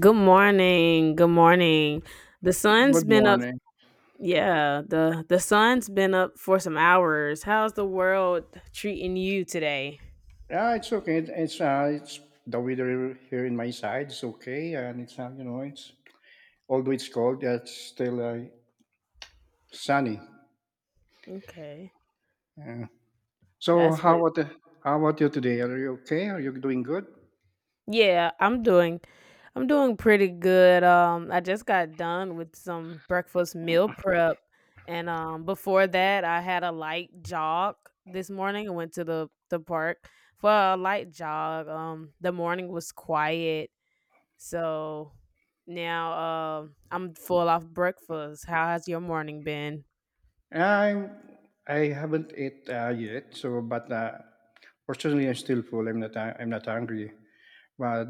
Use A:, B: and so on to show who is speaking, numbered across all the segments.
A: Good morning. Good morning. The sun's
B: Good
A: been up.
B: morning.
A: Yeah, the sun's been up for some hours. How's the world treating you today?
B: Yeah, it's okay. It's the weather here in my side. It's okay, and it's you know it's although it's cold, yeah, it's still sunny.
A: Okay.
B: Yeah. So
A: That's what
B: how about you today? Are you okay? Are you doing good?
A: Yeah, I'm doing pretty good. I just got done with some breakfast meal prep and before that I had a light jog this morning. I went to the park for a light jog. The morning was quiet. So now I'm full off breakfast. How has your morning been?
B: I'm. I haven't ate yet. So, but fortunately, I'm still full. I'm not hungry. But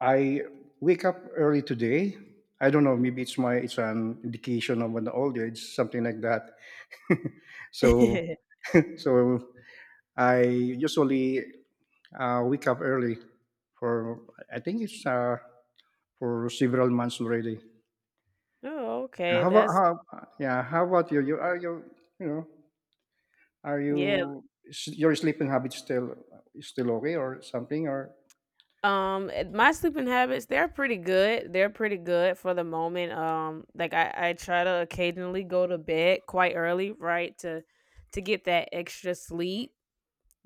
B: I wake up early today. I don't know. Maybe it's my. It's an indication of an old age, something like that. so So I usually wake up early for, I think it's for several months already.
A: Oh,
B: Yeah.
A: okay.
B: How about
A: That's
B: how, yeah? How about you? You are you you know are
A: Yeah.
B: you, is your sleeping habit still okay or something? Or
A: My sleeping habits, they're pretty good. They're pretty good for the moment. Like I try to occasionally go to bed quite early, right? To get that extra sleep,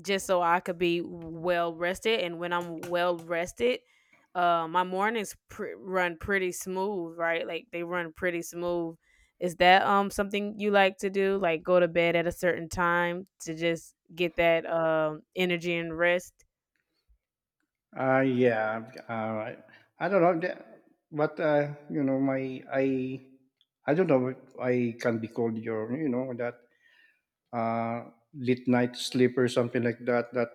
A: just so I could be well rested. And when I'm well rested, my mornings run pretty smooth, right? Like they run pretty smooth. Is that something you like to do? Like go to bed at a certain time to just get that energy and rest?
B: yeah, I don't know but you know my I don't know if I can be called your, you know, that late night sleep or something like that, that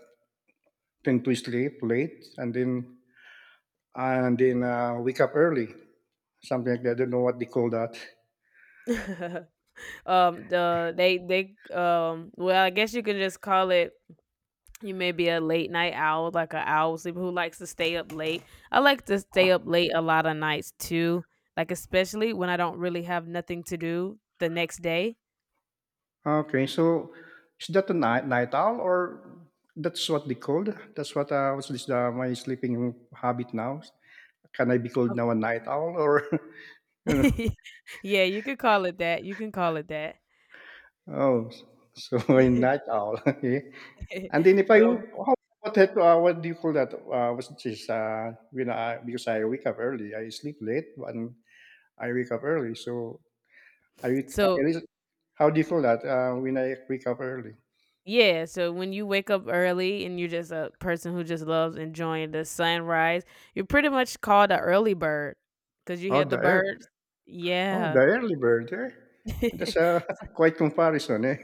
B: tend to sleep late and then wake up early, something like that. I don't know what they call that.
A: um the they they um well, I guess you can just call it. You may be a late night owl, like an owl sleeper who likes to stay up late. I like to stay up late a lot of nights too, like especially when I don't really have nothing to do the next day.
B: Okay, so is that a night owl or that's what they called? That's my sleeping habit now. Can I be called
A: Oh.
B: now a night owl? Or you know?
A: Yeah, you could call it that. You can call it that.
B: Oh, so a night owl. Okay. And then if I w-
A: Oh,
B: how, what do you call that? Was this? When I, because I wake up early, I sleep late and I wake up early, so I, I
A: so
B: really- how do you call that when I wake up early?
A: yeah. So when you wake up early and you're just a person who just loves enjoying the sunrise, you're pretty much called an early bird because you hear
B: Oh,
A: the
B: the ear,
A: birds.
B: oh,
A: Yeah.
B: the early bird. Eh? That's a quite comparison. Eh?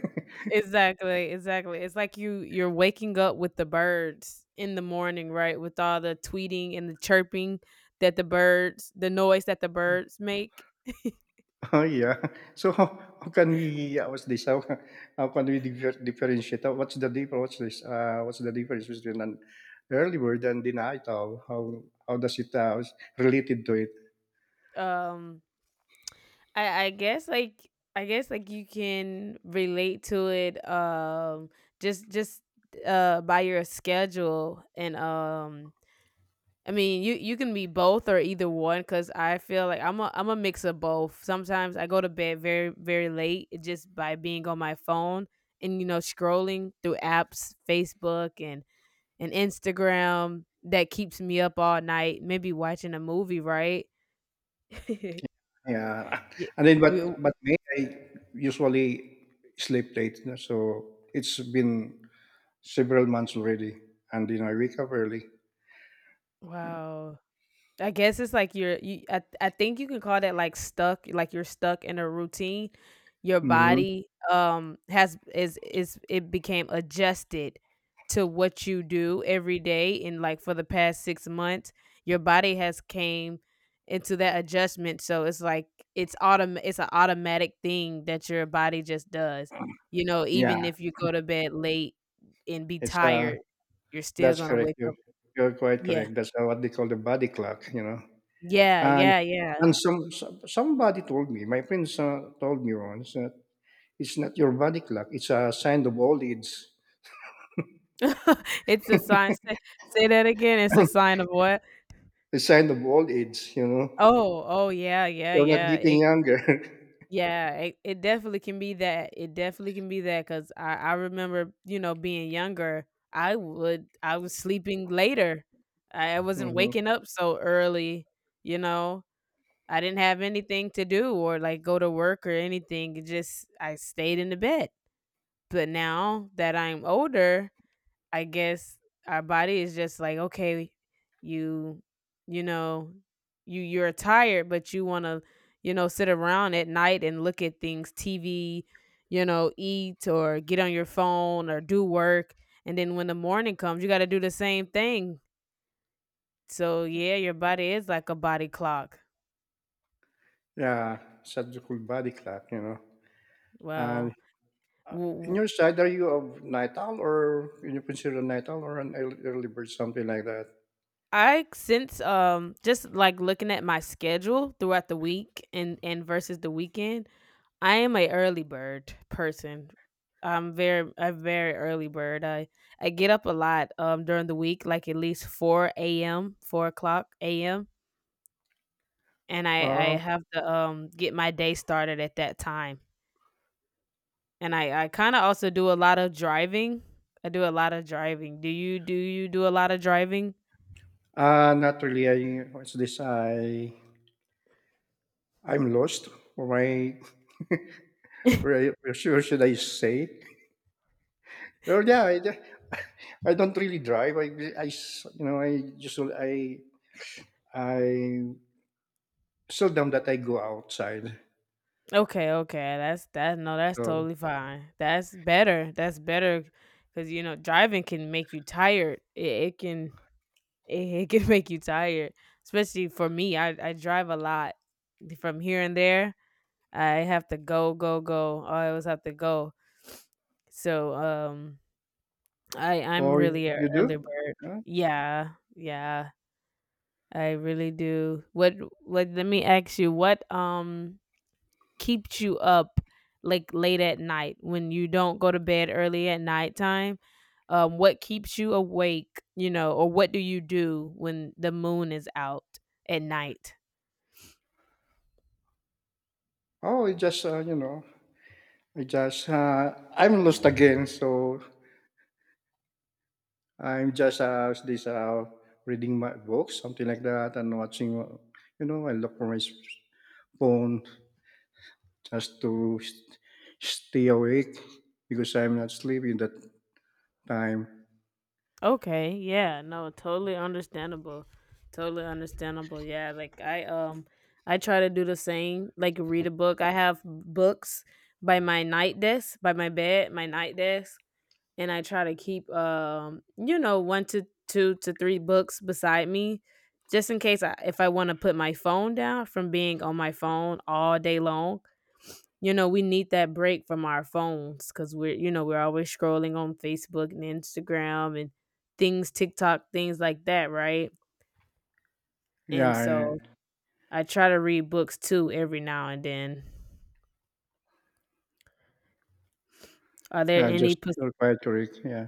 A: Exactly, exactly. It's like you're waking up with the birds in the morning, right? With all the tweeting and the chirping that the birds the noise that the birds make.
B: Oh yeah. So how can we, how can we differentiate? What's the difference? What's this? What's the difference between an early bird and the night owl? How does it is related to it?
A: Um I I guess like I guess like you can relate to it just by your schedule and I mean, you can be both or either one cuz I feel like I'm a mix of both. Sometimes I go to bed very very late just by being on my phone and scrolling through apps, Facebook and Instagram that keeps me up all night, maybe watching a movie, right?
B: Yeah.
A: Yeah,
B: And then,
A: we-
B: but me, I usually sleep late. No? So it's been several months already, and you know I wake up early.
A: wow. I guess it's like you're you I think you can call that like stuck, like you're stuck in a routine. Your
B: hmm
A: body has is it became adjusted to what you do every day and like for the past 6 months, your body has came into that adjustment. So it's like it's an automatic thing that your body just does. You know,
B: Yeah,
A: even if you go to bed late and be
B: it's
A: tired, you're still
B: that's
A: going to
B: correct.
A: wake up.
B: You're quite
A: Yeah.
B: correct. That's what they call the body clock, you know.
A: Yeah,
B: And
A: yeah, yeah.
B: somebody told me, my friends told me once that it's not your body clock. It's a sign of old age.
A: It's a sign say say that again, it's a sign of what?
B: A sign of old age, you know.
A: Oh, oh, yeah, yeah,
B: You're not
A: yeah,
B: getting
A: it
B: younger.
A: yeah, it definitely can be that, it definitely can be that. Cause I remember, being younger, I was sleeping later. I wasn't
B: hmm
A: waking up so early, you know? I didn't have anything to do or, like, go to work or anything, it just I stayed in the bed. But now that I'm older, I guess our body is just like, okay, you, you know, you're tired, but you want to, sit around at night and look at things, TV, eat or get on your phone or do work, and then when the morning comes, you got to do the same thing. So yeah, your body is like a body clock.
B: Yeah, such a cool body clock, you know. And
A: Well,
B: Uh,
A: w-
B: in
A: w-
B: your side, are you of night owl? Or can you consider a night owl or an early bird, something like that?
A: I since just like looking at my schedule throughout the week and versus the weekend, I am a early bird person. I'm very a very early bird. I get up a lot during the week, like at least 4 a.m., 4 o'clock a.m., and I
B: Uh,
A: I have to get my day started at that time. And I kind of also do a lot of driving. I do a lot of driving. Do you do a lot of driving?
B: uh, not really. I what's this? I I'm lost. Or my, where should I say? Well, yeah, I don't really drive. I s- you know I just don't- I seldom that I go outside.
A: Okay, okay. That's that No, that's
B: So,
A: totally fine. That's better. That's better because driving can make you tired. It, it can make you tired, especially for me. I drive a lot from here and there. I have to go, go, go. I always have to go. So I'm
B: or
A: really an
B: you do?
A: early bird.
B: Huh?
A: Yeah, yeah, I really do. What? Let me ask you. What keeps you up like late at night when you don't go to bed early at nighttime? What keeps you awake, or what do you do when the moon is out at night?
B: Oh, it just you know, I'm lost again. So I'm just this reading my books, something like that, and watching. You know, I look for my phone just to stay awake because I'm not sleeping that time.
A: Okay, yeah, no, totally understandable. Totally understandable. Yeah, like I try to do the same, like read a book. I have books by my night desk, by my bed, my night desk, and I try to keep 1 to 2 to 3 books beside me just in case I if I wanna put my phone down from being on my phone all day long. You know, we need that break from our phones because 'cause we're always scrolling on Facebook and Instagram and things, TikTok, things like that, right? And
B: Yeah,
A: so
B: I,
A: I try to read books too every now and then. Are there
B: yeah,
A: any
B: just
A: pers-
B: feel quiet to. Yeah,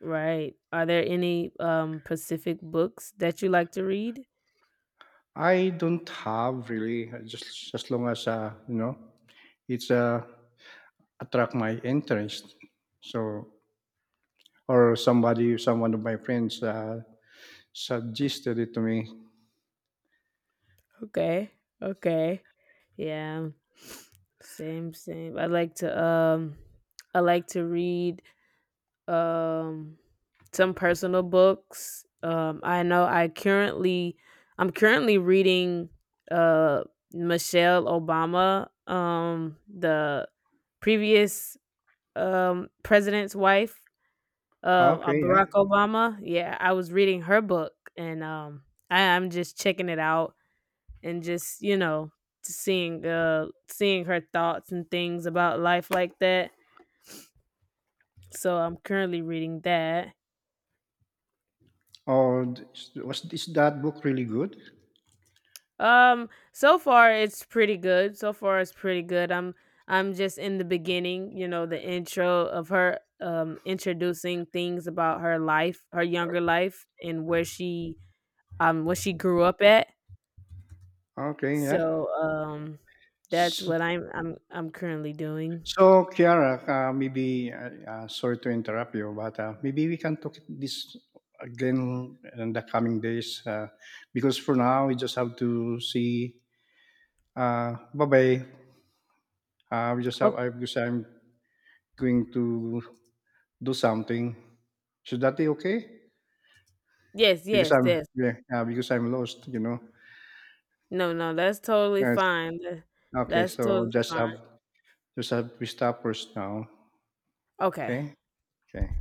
A: Right? Are there any Pacific books that you like to read?
B: I don't have really. I just, as long as you know, it's attract my interest. So, someone of my friends suggested it to me.
A: Okay. Okay. Yeah. Same, same. I like to read um some personal books. I know, I'm currently reading uh Michelle Obama, the previous president's wife,
B: Okay,
A: Barack
B: yeah.
A: Obama. Yeah, I was reading her book and I'm just checking it out and just seeing her thoughts and things about life like that. So I'm currently reading that.
B: Oh, is that book really good?
A: So far it's pretty good. So far it's pretty good. I'm just in the beginning, the intro of her introducing things about her life, her younger life and where she grew up at.
B: Okay, yeah.
A: So that's
B: S-
A: what I'm currently doing.
B: So, Kiara, maybe sorry to interrupt you, but maybe we can talk this again in the coming days, because for now we just have to see. Bye bye. We just
A: Oh,
B: have I because I'm going to do something. Should that be okay?
A: yes,
B: Because
A: yes,
B: I'm,
A: yes.
B: yeah, yeah, because I'm lost, you know.
A: No, no, that's totally
B: Yes.
A: fine.
B: Okay.
A: That's
B: So
A: totally fine.
B: just have, we stop first now.
A: Okay.
B: Okay. Okay.